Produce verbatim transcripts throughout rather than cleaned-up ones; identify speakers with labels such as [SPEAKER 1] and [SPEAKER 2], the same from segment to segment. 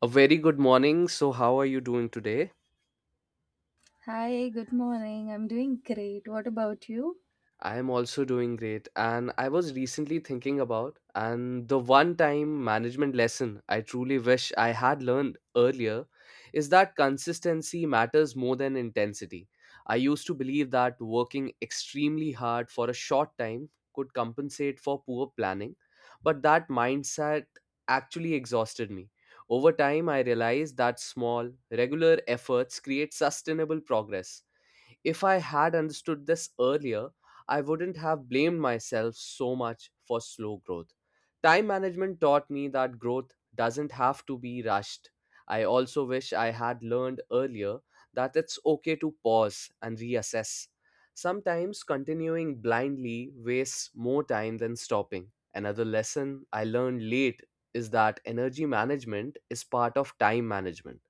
[SPEAKER 1] A very good morning. So, how are you doing today?
[SPEAKER 2] Hi, good morning. I'm doing great. What about you?
[SPEAKER 1] I am also doing great. And I was recently thinking about and the one time management lesson I truly wish I had learned earlier is that consistency matters more than intensity. I used to believe that working extremely hard for a short time could compensate for poor planning, but that mindset actually exhausted me. Over time, I realized that small, regular efforts create sustainable progress. If I had understood this earlier, I wouldn't have blamed myself so much for slow growth. Time management taught me that growth doesn't have to be rushed. I also wish I had learned earlier that it's okay to pause and reassess. Sometimes continuing blindly wastes more time than stopping. Another lesson I learned late is that energy management is part of time management.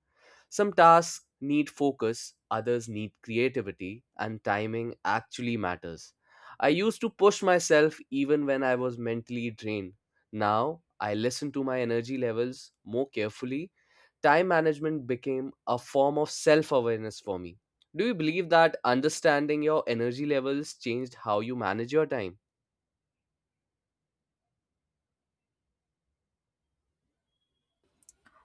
[SPEAKER 1] Some tasks need focus, others need creativity, and timing actually matters. I used to push myself even when I was mentally drained. Now, I listen to my energy levels more carefully. Time management became a form of self awareness for me. Do you believe that understanding your energy levels changed how you manage your time?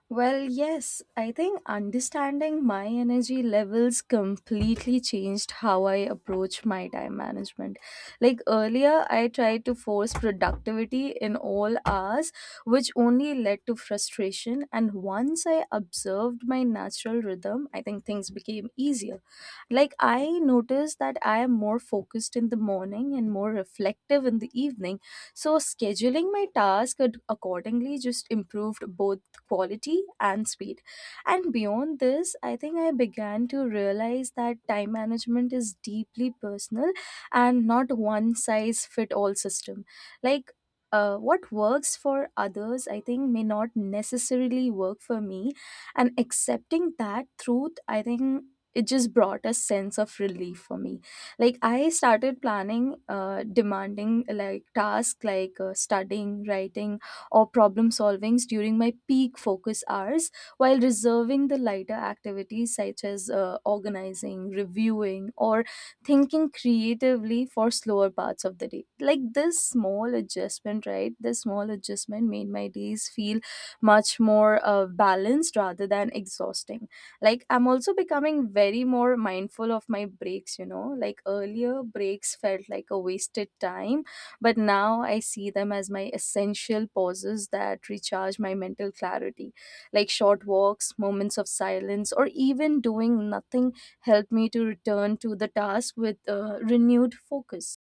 [SPEAKER 2] Well, yes, I think understanding my energy levels completely changed how I approach my time management. Like earlier, I tried to force productivity in all hours, which only led to frustration. And once I observed my natural rhythm, I think things became easier. Like, I noticed that I am more focused in the morning and more reflective in the evening. So, scheduling my task ad- accordingly just improved both quality and speed. And beyond this, I think I began to realize that time management is deeply personal and not one size fit all system. Like uh, what works for others, I think, may not necessarily work for me. And accepting that truth, I think it just brought a sense of relief for me. Like, I started planning, uh, demanding like tasks like uh, studying, writing, or problem solvings during my peak focus hours while reserving the lighter activities such as uh, organizing, reviewing, or thinking creatively for slower parts of the day. Like this small adjustment, right? This small adjustment made my days feel much more uh, balanced rather than exhausting. Like I'm also becoming very more mindful of my breaks, you know? Like earlier, breaks felt like a wasted time but now I see them as my essential pauses that recharge my mental clarity. Like short walks, moments of silence, or even doing nothing help me to return to the task with uh, renewed focus.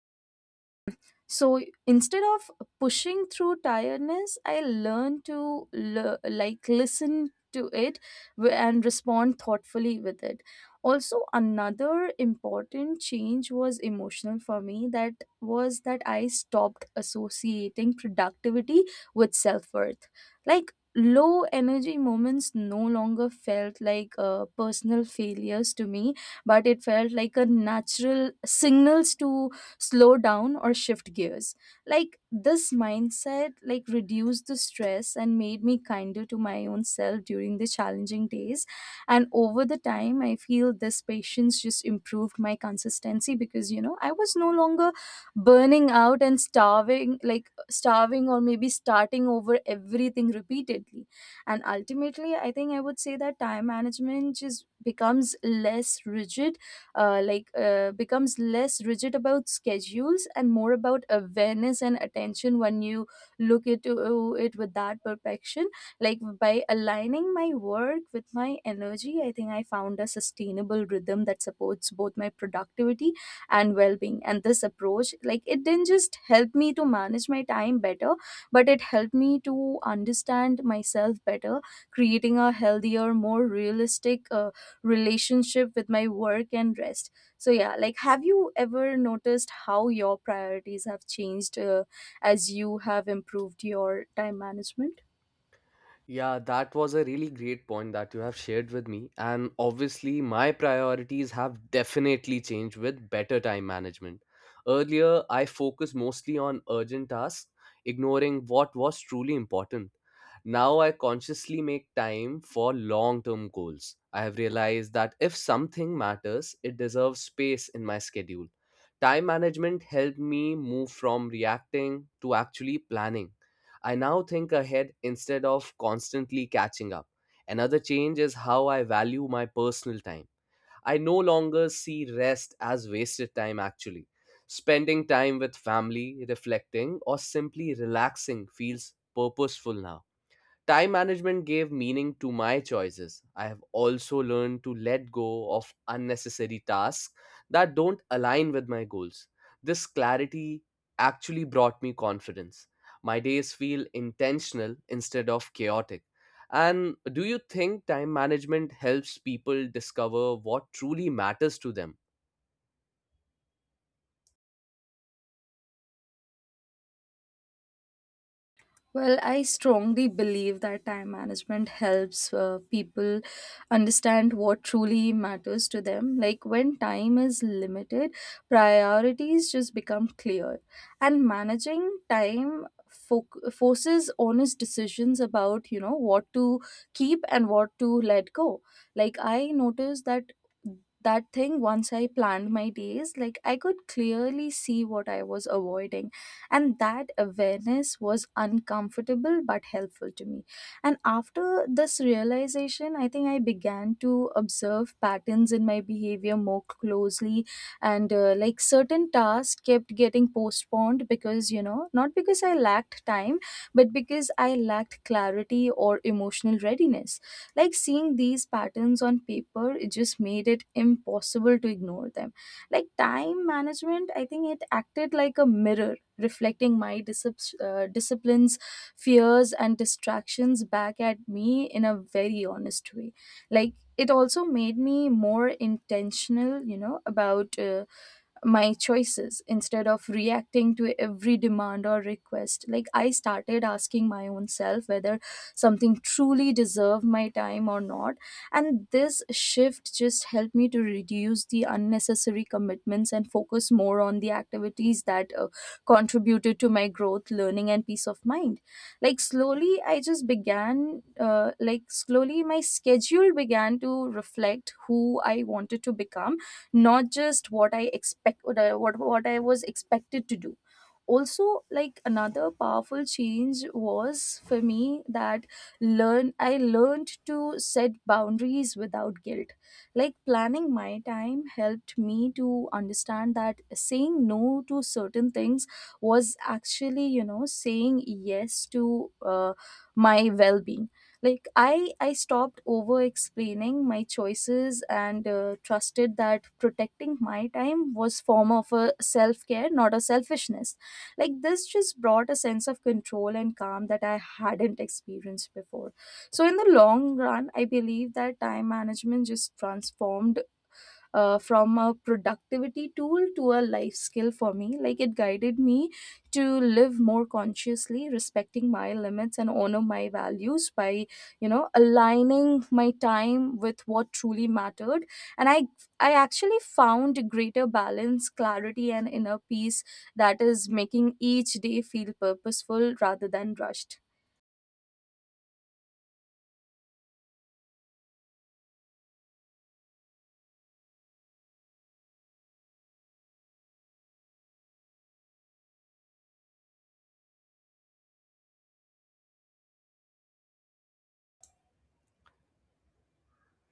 [SPEAKER 2] So instead of pushing through tiredness, I learn to l- like listen to it w- and respond thoughtfully with it. Also, another important change was emotional for me, that was that I stopped associating productivity with self-worth. Like low energy moments no longer felt like uh, personal failures to me, but it felt like a natural signals to slow down or shift gears. Like this mindset like reduced the stress and made me kinder to my own self during the challenging days. And over the time, I feel this patience just improved my consistency because, you know, I was no longer burning out and starving like starving or maybe starting over everything repeatedly. And ultimately, I think I would say that time management just becomes less rigid, uh, like uh, becomes less rigid about schedules and more about awareness and attention when you look at uh, it with that perfection. Like by aligning my work with my energy, I think I found a sustainable rhythm that supports both my productivity and well-being. And this approach like it didn't just help me to manage my time better, but it helped me to understand myself better, creating a healthier, more realistic uh, relationship with my work and rest. So yeah, like have you ever noticed how your priorities have changed uh, as you have improved your time management?
[SPEAKER 1] Yeah, that was a really great point that you have shared with me. And obviously, my priorities have definitely changed with better time management. Earlier, I focused mostly on urgent tasks, ignoring what was truly important. Now, I consciously make time for long term goals. I have realized that if something matters, it deserves space in my schedule. Time management helped me move from reacting to actually planning. I now think ahead instead of constantly catching up. Another change is how I value my personal time. I no longer see rest as wasted time, actually. Spending time with family, reflecting, or simply relaxing feels purposeful now. Time management gave meaning to my choices. I have also learned to let go of unnecessary tasks that don't align with my goals. This clarity actually brought me confidence. My days feel intentional instead of chaotic. And do you think time management helps people discover what truly matters to them?
[SPEAKER 2] Well, I strongly believe that time management helps uh, people understand what truly matters to them. Like when time is limited, priorities just become clear. And managing time fo- forces honest decisions about, you know, what to keep and what to let go. Like I noticed that that thing once I planned my days, like I could clearly see what I was avoiding, and that awareness was uncomfortable but helpful to me. And after this realization, I think I began to observe patterns in my behavior more closely. And uh, like certain tasks kept getting postponed because, you know, not because I lacked time, but because I lacked clarity or emotional readiness. Like seeing these patterns on paper, it just made it impossible to ignore them. Like time management, I think it acted like a mirror, reflecting my discip- uh, disciplines, fears, and distractions back at me in a very honest way. Like, it also made me more intentional, you know, about uh, my choices instead of reacting to every demand or request. Like I started asking my own self whether something truly deserved my time or not. And this shift just helped me to reduce the unnecessary commitments and focus more on the activities that uh, contributed to my growth, learning, and peace of mind. Like slowly, I just began, uh, like slowly, my schedule began to reflect who I wanted to become, not just what i expect what I, what, what I was expected to do. Also, like another powerful change was for me, that learn I learned to set boundaries without guilt. Like planning my time helped me to understand that saying no to certain things was actually, you know, saying yes to uh, my well-being. Like i i stopped over explaining my choices and uh, trusted that protecting my time was form of a self care, not a selfishness. Like this just brought a sense of control and calm that I hadn't experienced before. So in the long run, I believe that time management just transformed uh, from a productivity tool to a life skill for me. Like it guided me to live more consciously, respecting my limits and honor my values by, you know, aligning my time with what truly mattered. And i i actually found greater balance, clarity and inner peace, that is making each day feel purposeful rather than rushed.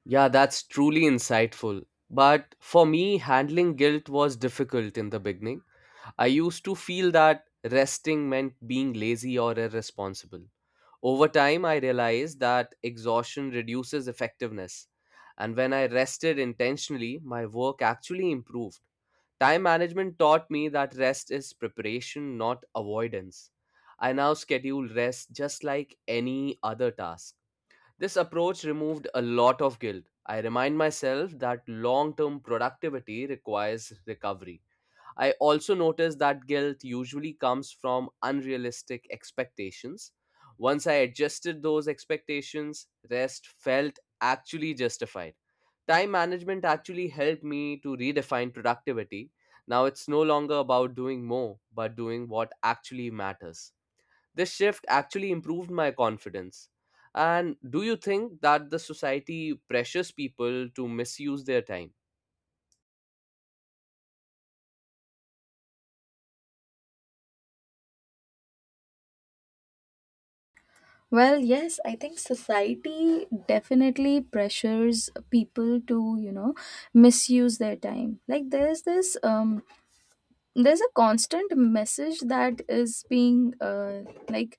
[SPEAKER 1] Yeah, that's truly insightful. But for me, handling guilt was difficult in the beginning. I used to feel that resting meant being lazy or irresponsible. Over time, I realized that exhaustion reduces effectiveness, and when I rested intentionally, my work actually improved. Time management taught me that rest is preparation, not avoidance. I now schedule rest just like any other task. This approach removed a lot of guilt. I remind myself that long term productivity requires recovery. I also noticed that guilt usually comes from unrealistic expectations. Once I adjusted those expectations, rest felt actually justified. Time management actually helped me to redefine productivity. Now it's no longer about doing more, but doing what actually matters. This shift actually improved my confidence. And do you think that the society pressures people to misuse their time?
[SPEAKER 2] Well, yes, I think society definitely pressures people to, you know, misuse their time. Like there's this um there's a constant message that is being uh, like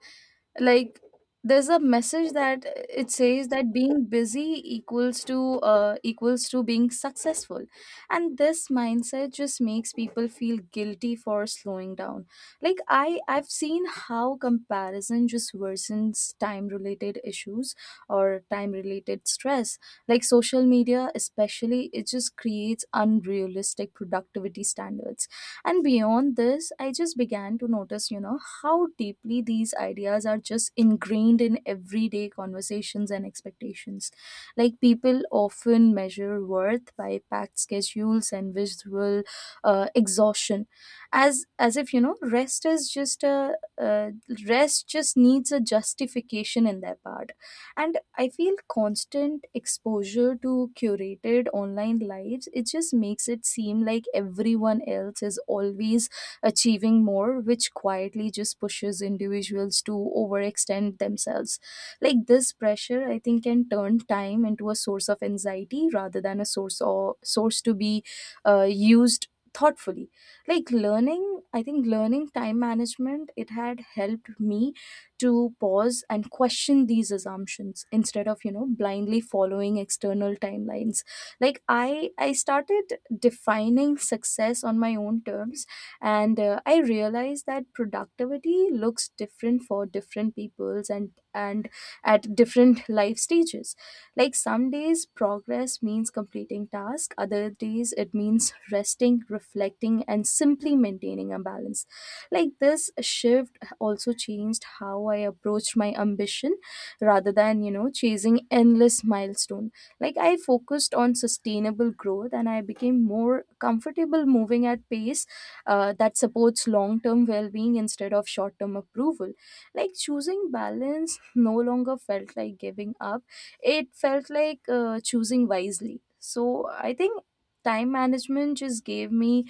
[SPEAKER 2] like there's a message that it says that being busy equals to uh, equals to being successful, and this mindset just makes people feel guilty for slowing down. Like i i've seen how comparison just worsens time related issues or time related stress. Like social media especially, it just creates unrealistic productivity standards. And beyond this, I just began to notice, you know, how deeply these ideas are just ingrained in everyday conversations and expectations. Like people often measure worth by packed schedules and visual uh, exhaustion, as as if, you know, rest is just a uh, rest just needs a justification in their part. And I feel constant exposure to curated online lives, it just makes it seem like everyone else is always achieving more, which quietly just pushes individuals to overextend themselves. Like this pressure, I think, can turn time into a source of anxiety rather than a source or source to be uh, used thoughtfully. Like learning I think learning time management, it had helped me to pause and question these assumptions instead of, you know, blindly following external timelines. Like i i started defining success on my own terms. And uh, I realized that productivity looks different for different peoples and and at different life stages. Like some days progress means completing tasks, other days it means resting, reflecting and simply maintaining a balance. Like this shift also changed how I approached my ambition, rather than, you know, chasing endless milestone. Like I focused on sustainable growth, and I became more comfortable moving at pace uh, that supports long-term well-being instead of short-term approval. Like choosing balance no longer felt like giving up. It felt like uh, choosing wisely. So I think time management just gave me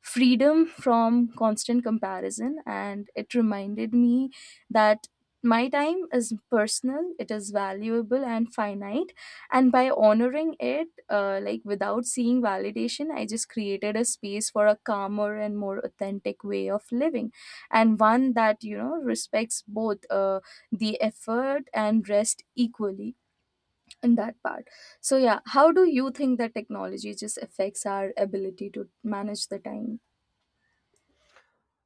[SPEAKER 2] freedom from constant comparison, and it reminded me that my time is personal, it is valuable and finite. And by honoring it, uh, like without seeing validation, I just created a space for a calmer and more authentic way of living, and one that, you know, respects both uh, the effort and rest equally in that part. So yeah, how do you think that technology just affects our ability to manage the time?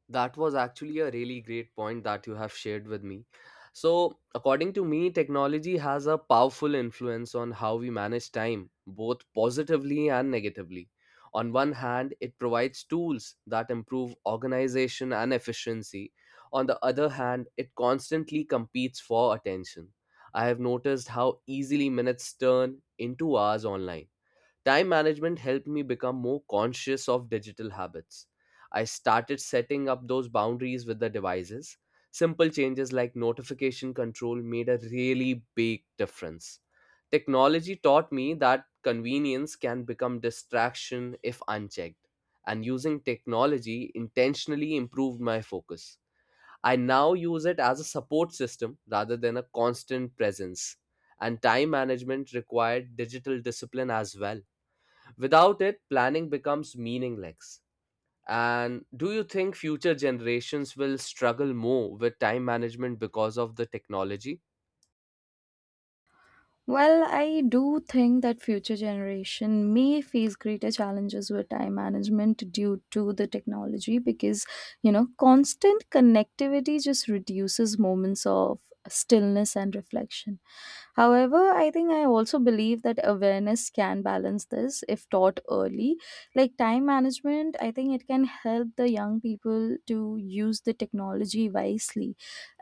[SPEAKER 1] That was actually a really great point that you have shared with me. So, according to me, technology has a powerful influence on how we manage time, both positively and negatively. On one hand, it provides tools that improve organization and efficiency. On the other hand, it constantly competes for attention. I have noticed how easily minutes turn into hours online. Time management helped me become more conscious of digital habits. I started setting up those boundaries with the devices. Simple changes like notification control made a really big difference. Technology taught me that convenience can become distraction if unchecked, and using technology intentionally improved my focus. I now use it as a support system rather than a constant presence, and time management required digital discipline as well. Without it, planning becomes meaningless. And do you think future generations will struggle more with time management because of the technology?
[SPEAKER 2] Well, I do think that future generation may face greater challenges with time management due to the technology because, you know, constant connectivity just reduces moments of stillness and reflection. However, I think I also believe that awareness can balance this if taught early. Like time management, I think it can help the young people to use the technology wisely.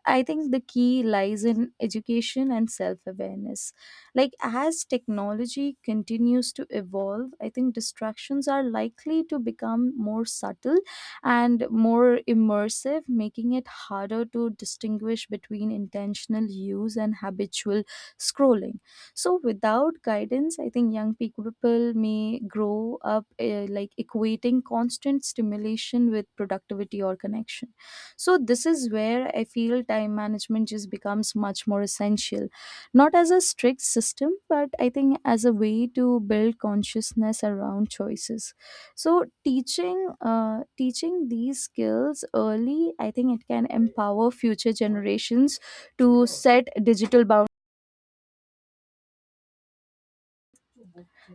[SPEAKER 2] I think the key lies in education and self awareness. Like, as technology continues to evolve, I think distractions are likely to become more subtle and more immersive, making it harder to distinguish between intentional use and habitual scrolling. So, without guidance, I think young people may grow up uh, like equating constant stimulation with productivity or connection. So this is where I feel time management just becomes much more essential, not as a strict system, but I think as a way to build consciousness around choices. So teaching uh, teaching these skills early, I think it can empower future generations to set digital boundaries.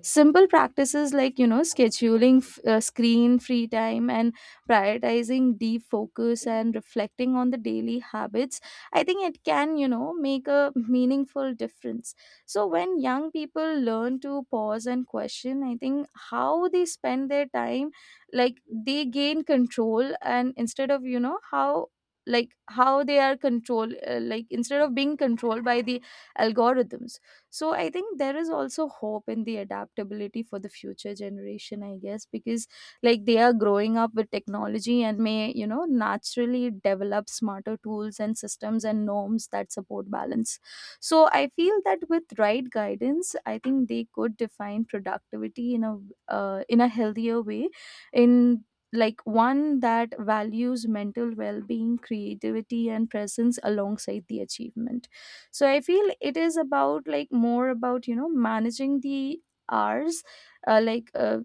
[SPEAKER 2] Simple practices like, you know, scheduling f- uh, screen free time and prioritizing deep focus and reflecting on the daily habits, I think it can, you know, make a meaningful difference. So when young people learn to pause and question, I think how they spend their time, like they gain control. And instead of, you know, how like how they are control uh, like instead of being controlled by the algorithms. So I think there is also hope in the adaptability for the future generation, I guess, because like they are growing up with technology and may, you know, naturally develop smarter tools and systems and norms that support balance. So I feel that with right guidance, I think they could define productivity in a uh, in a healthier way. In like one that values mental well-being, creativity and presence alongside the achievement. So I feel it is about, like, more about, you know, managing the hours. uh, like uh,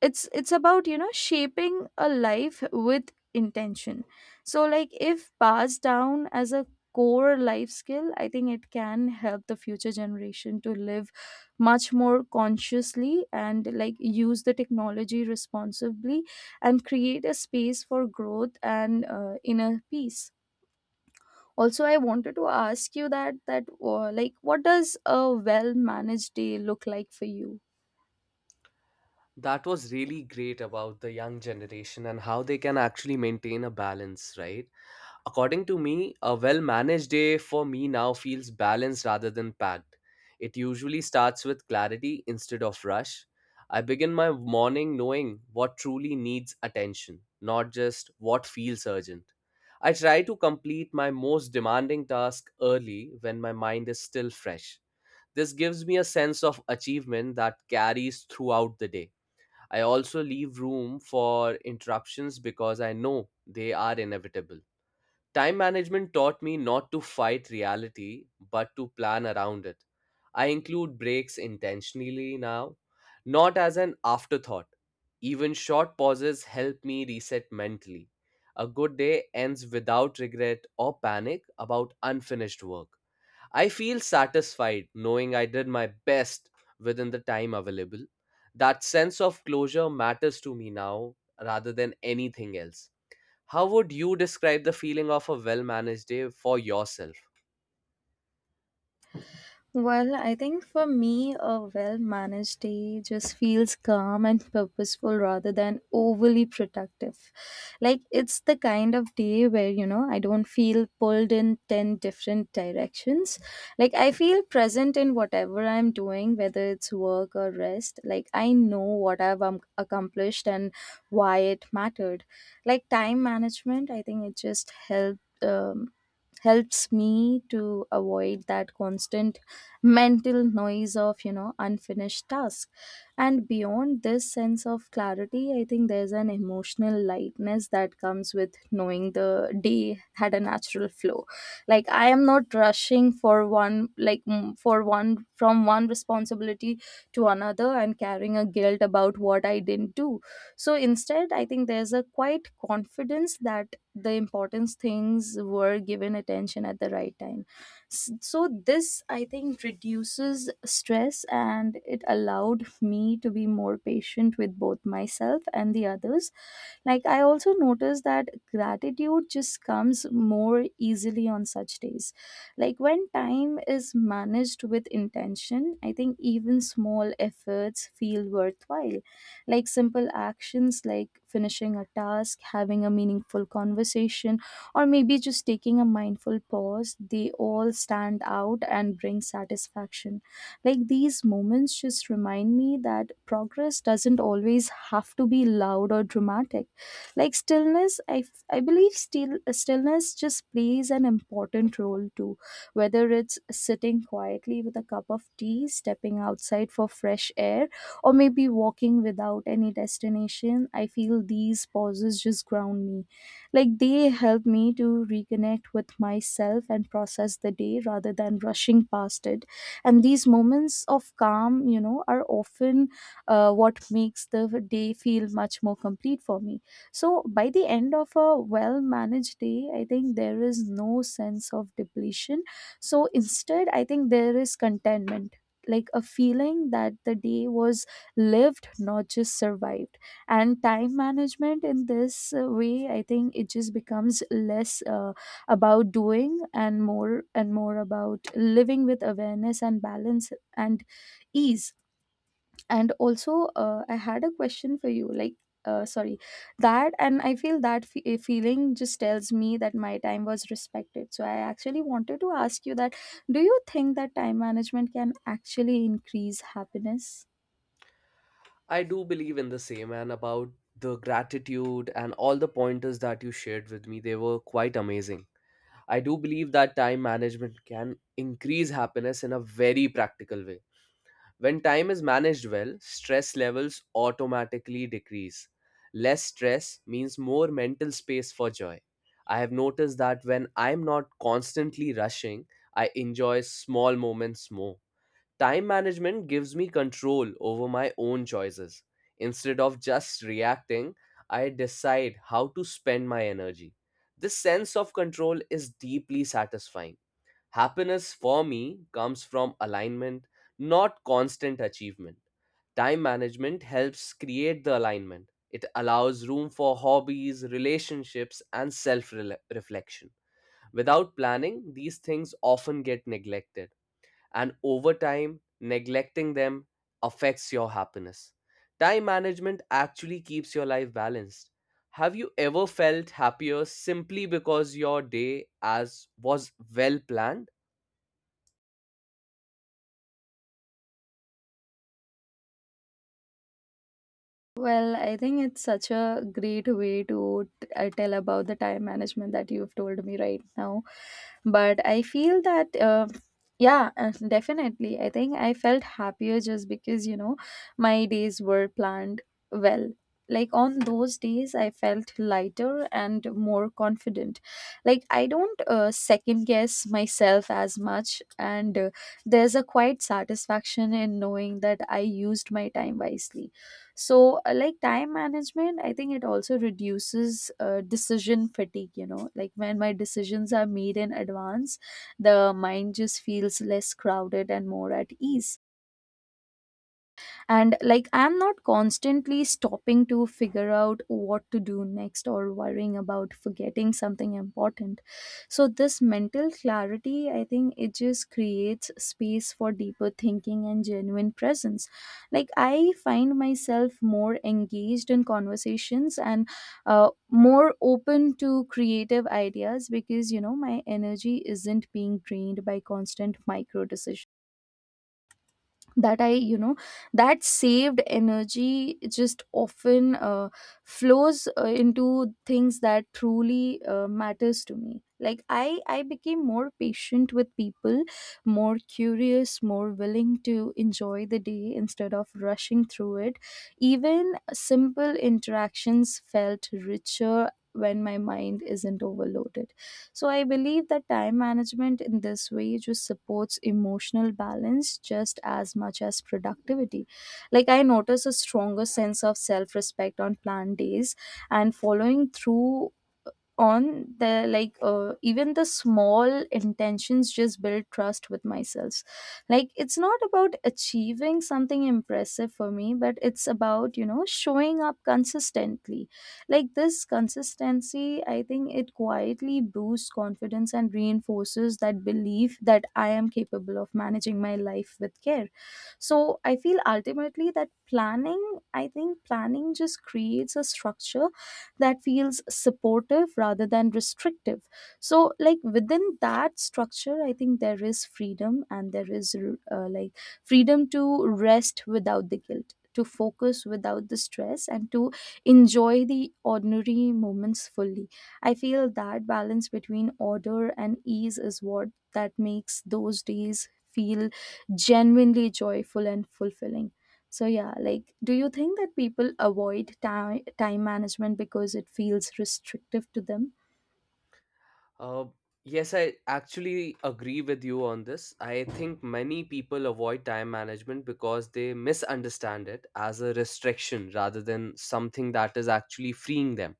[SPEAKER 2] it's it's about, you know, shaping a life with intention. So like if passed down as a core life skill, I think it can help the future generation to live much more consciously and like use the technology responsibly and create a space for growth and uh, inner peace. Also, I wanted to ask you that that uh, like, what does a well managed day look like for you?
[SPEAKER 1] That was really great about the young generation and how they can actually maintain a balance, right? According to me, a well managed day for me now feels balanced rather than packed. It usually starts with clarity instead of rush. I begin my morning knowing what truly needs attention, not just what feels urgent. I try to complete my most demanding task early when my mind is still fresh. This gives me a sense of achievement that carries throughout the day. I also leave room for interruptions because I know they are inevitable. Time management taught me not to fight reality, but to plan around it. I include breaks intentionally now, not as an afterthought. Even short pauses help me reset mentally. A good day ends without regret or panic about unfinished work. I feel satisfied knowing I did my best within the time available. That sense of closure matters to me now rather than anything else. How would you describe the feeling of a well managed day for yourself?
[SPEAKER 2] Well, I think for me, a well managed day just feels calm and purposeful rather than overly productive. Like, it's the kind of day where, you know, I don't feel pulled in ten different directions. Like, I feel present in whatever I'm doing, whether it's work or rest. Like, I know what I've um, accomplished and why it mattered. Like, time management, I think it just helped. Um, helps me to avoid that constant mental noise of, you know, unfinished task. And beyond this sense of clarity, I think there's an emotional lightness that comes with knowing the day had a natural flow. Like I am not rushing for one, like, mm, for one, from one responsibility to another and carrying a guilt about what I didn't do. So instead, I think there's a quite confidence that the importance things were given attention at the right time. S- so this, I think, reduces stress and it allowed me to be more patient with both myself and the others. Like, I also noticed that gratitude just comes more easily on such days. Like when time is managed with intention, I think even small efforts feel worthwhile. Like simple actions like finishing a task, having a meaningful conversation, or maybe just taking a mindful pause, they all stand out and bring satisfaction. Like these moments just remind me that progress doesn't always have to be loud or dramatic. Like stillness, I, f- I believe still, stillness just plays an important role too, whether it's sitting quietly with a cup of tea, stepping outside for fresh air, or maybe walking without any destination. I feel these pauses just ground me. Like they help me to reconnect with myself and process the day rather than rushing past it. And these moments of calm, you know, are often uh, what makes the day feel much more complete for me. So by the end of a well managed day, I think there is no sense of depletion. So instead, I think there is contentment, like a feeling that the day was lived, not just survived. And time management in this uh, way, I think it just becomes less uh, about doing and more and more about living with awareness and balance and ease. And also, uh, I had a question for you, like, uh, sorry that and I feel that fe- eh, feeling just tells me that my time was respected. So I actually wanted to ask you that, do you think that time management can actually increase happiness?
[SPEAKER 1] I do believe in the same and about the gratitude and all the pointers that you shared with me, they were quite amazing. I do believe that time management can increase happiness in a very practical way. When time is managed well, stress levels automatically decrease. Less stress means more mental space for joy. I have noticed that when I'm not constantly rushing, I enjoy small moments more. Time management gives me control over my own choices. Instead of just reacting, I decide how to spend my energy. This sense of control is deeply satisfying. Happiness for me comes from alignment, not constant achievement. Time management helps create the alignment. It allows room for hobbies, relationships, and self reflection. Without planning, these things often get neglected and over time, neglecting them affects your happiness. Time management actually keeps your life balanced. Have you ever felt happier simply because your day as was well planned?
[SPEAKER 2] Well, I think it's such a great way to t- uh, tell about the time management that you've told me right now. But I feel that, uh, yeah, uh, definitely. I think I felt happier just because, you know, my days were planned well. Like on those days, I felt lighter and more confident. Like, I don't uh, second guess myself as much, and uh, there's a quiet satisfaction in knowing that I used my time wisely. So uh, like time management, I think it also reduces uh, decision fatigue, you know, like when my decisions are made in advance, the mind just feels less crowded and more at ease. And like I'm not constantly stopping to figure out what to do next or worrying about forgetting something important. So this mental clarity, I think it just creates space for deeper thinking and genuine presence. Like I find myself more engaged in conversations and uh, more open to creative ideas because, you know, my energy isn't being drained by constant micro decisions. That I you know That saved energy just often uh, flows uh, into things that truly uh, matters to me. Like i i became more patient with people, more curious, more willing to enjoy the day instead of rushing through it. Even simple interactions felt richer when my mind isn't overloaded. So I believe that time management in this way just supports emotional balance just as much as productivity. Like I notice a stronger sense of self-respect on planned days, and following through on the like uh, even the small intentions just build trust with myself. Like it's not about achieving something impressive for me, but it's about, you know, showing up consistently. Like this consistency, I think it quietly boosts confidence and reinforces that belief that I am capable of managing my life with care. So I feel ultimately that planning I think planning just creates a structure that feels supportive rather than restrictive. So, like within that structure, I think there is freedom and there is uh, like freedom to rest without the guilt, to focus without the stress, and to enjoy the ordinary moments fully. I feel that balance between order and ease is what that makes those days feel genuinely joyful and fulfilling. So yeah, like, do you think that people avoid time time management because it feels restrictive to them?
[SPEAKER 1] Uh, yes, I actually agree with you on this. I think many people avoid time management because they misunderstand it as a restriction rather than something that is actually freeing them.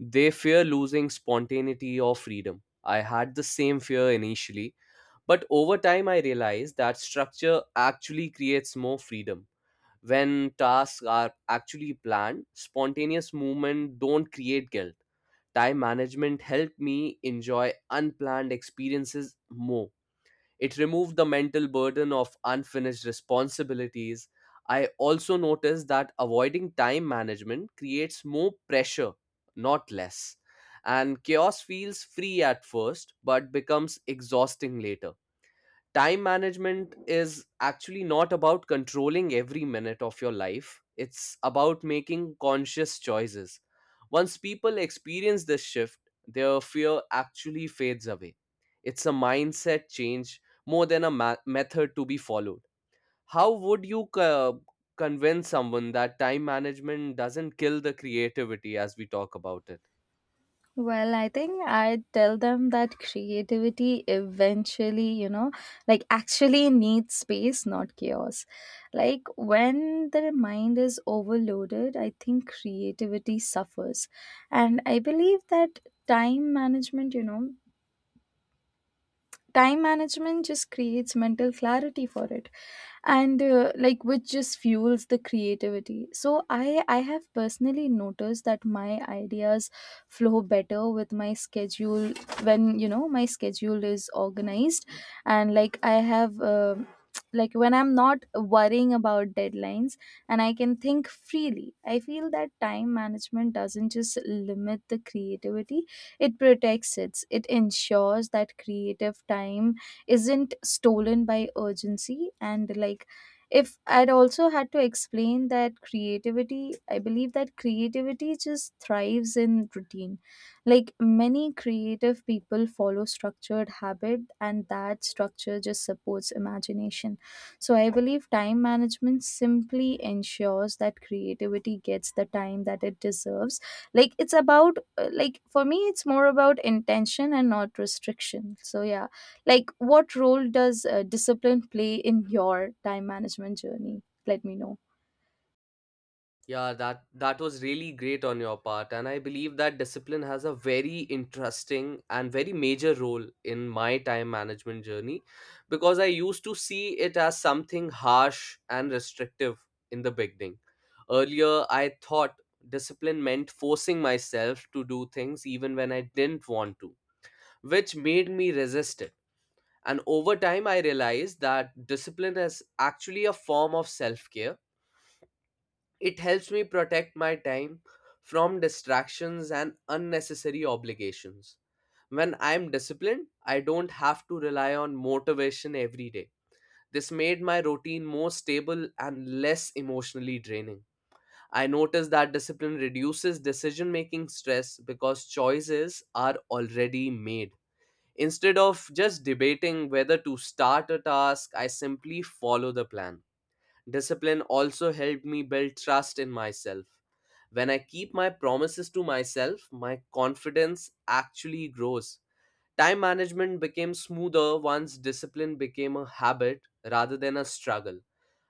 [SPEAKER 1] They fear losing spontaneity or freedom. I had the same fear initially, but over time I realized that structure actually creates more freedom. When tasks are actually planned, spontaneous movement don't create guilt. Time management helped me enjoy unplanned experiences more. It removed the mental burden of unfinished responsibilities. I also noticed that avoiding time management creates more pressure, not less. And chaos feels free at first, but becomes exhausting later. Time management is actually not about controlling every minute of your life, it's about making conscious choices. Once people experience this shift, their fear actually fades away. It's a mindset change more than a ma- method to be followed. How would you co- convince someone that time management doesn't kill the creativity as we talk about it?
[SPEAKER 2] Well, I think I tell them that creativity eventually, you know, like actually needs space, not chaos. Like when the mind is overloaded, I think creativity suffers. And I believe that time management, you know, time management just creates mental clarity for it. And uh, like which just fuels the creativity. So i i have personally noticed that my ideas flow better with my schedule when, you know, my schedule is organized. And like I have uh, like when I'm not worrying about deadlines and I can think freely, I feel that time management doesn't just limit the creativity, it protects it. It ensures that creative time isn't stolen by urgency. And like if I'd also had to explain that creativity I believe that creativity just thrives in routine. Like many creative people follow structured habit, and that structure just supports imagination. So I believe time management simply ensures that creativity gets the time that it deserves. Like it's about, uh, like for me, it's more about intention and not restriction. So yeah, like, what role does uh, discipline play in your time management journey? Let me know.
[SPEAKER 1] Yeah, that that was really great on your part, and I believe that discipline has a very interesting and very major role in my time management journey because I used to see it as something harsh and restrictive in the beginning. Earlier, I thought discipline meant forcing myself to do things even when I didn't want to, which made me resist it. And over time, I realized that discipline is actually a form of self care. It helps me protect my time from distractions and unnecessary obligations. When I'm disciplined, I don't have to rely on motivation every day. This made my routine more stable and less emotionally draining. I noticed that discipline reduces decision making stress because choices are already made. Instead of just debating whether to start a task, I simply follow the plan. Discipline also helped me build trust in myself. When I keep my promises to myself, my confidence actually grows. Time management became smoother once discipline became a habit rather than a struggle.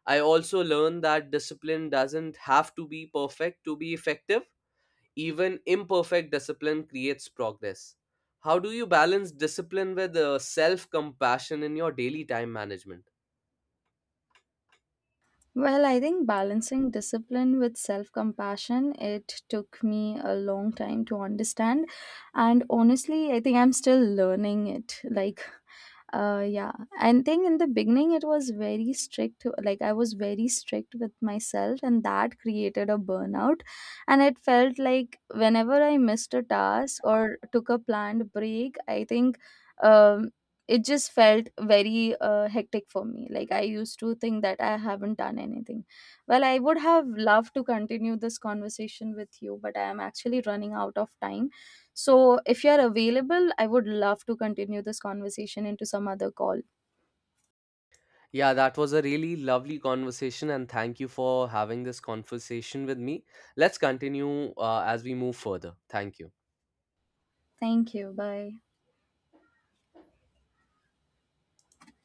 [SPEAKER 1] I also learned that discipline doesn't have to be perfect to be effective. Even imperfect discipline creates progress. How do you balance discipline with self compassion in your daily time management?
[SPEAKER 2] Well, I think balancing discipline with self-compassion, it took me a long time to understand. And honestly, I think I'm still learning it. Like uh yeah. And thing in the beginning it was very strict. Like I was very strict with myself, and that created a burnout. And it felt like whenever I missed a task or took a planned break, I think, um it just felt very uh, hectic for me. Like I used to think that I haven't done anything well. I would have loved to continue this conversation with you, but I am actually running out of time. So, if you're available, I would love to continue this conversation into some other call.
[SPEAKER 1] Yeah, that was a really lovely conversation, and thank you for having this conversation with me. Let's continue uh, as we move further. Thank you.
[SPEAKER 2] Thank you. Bye.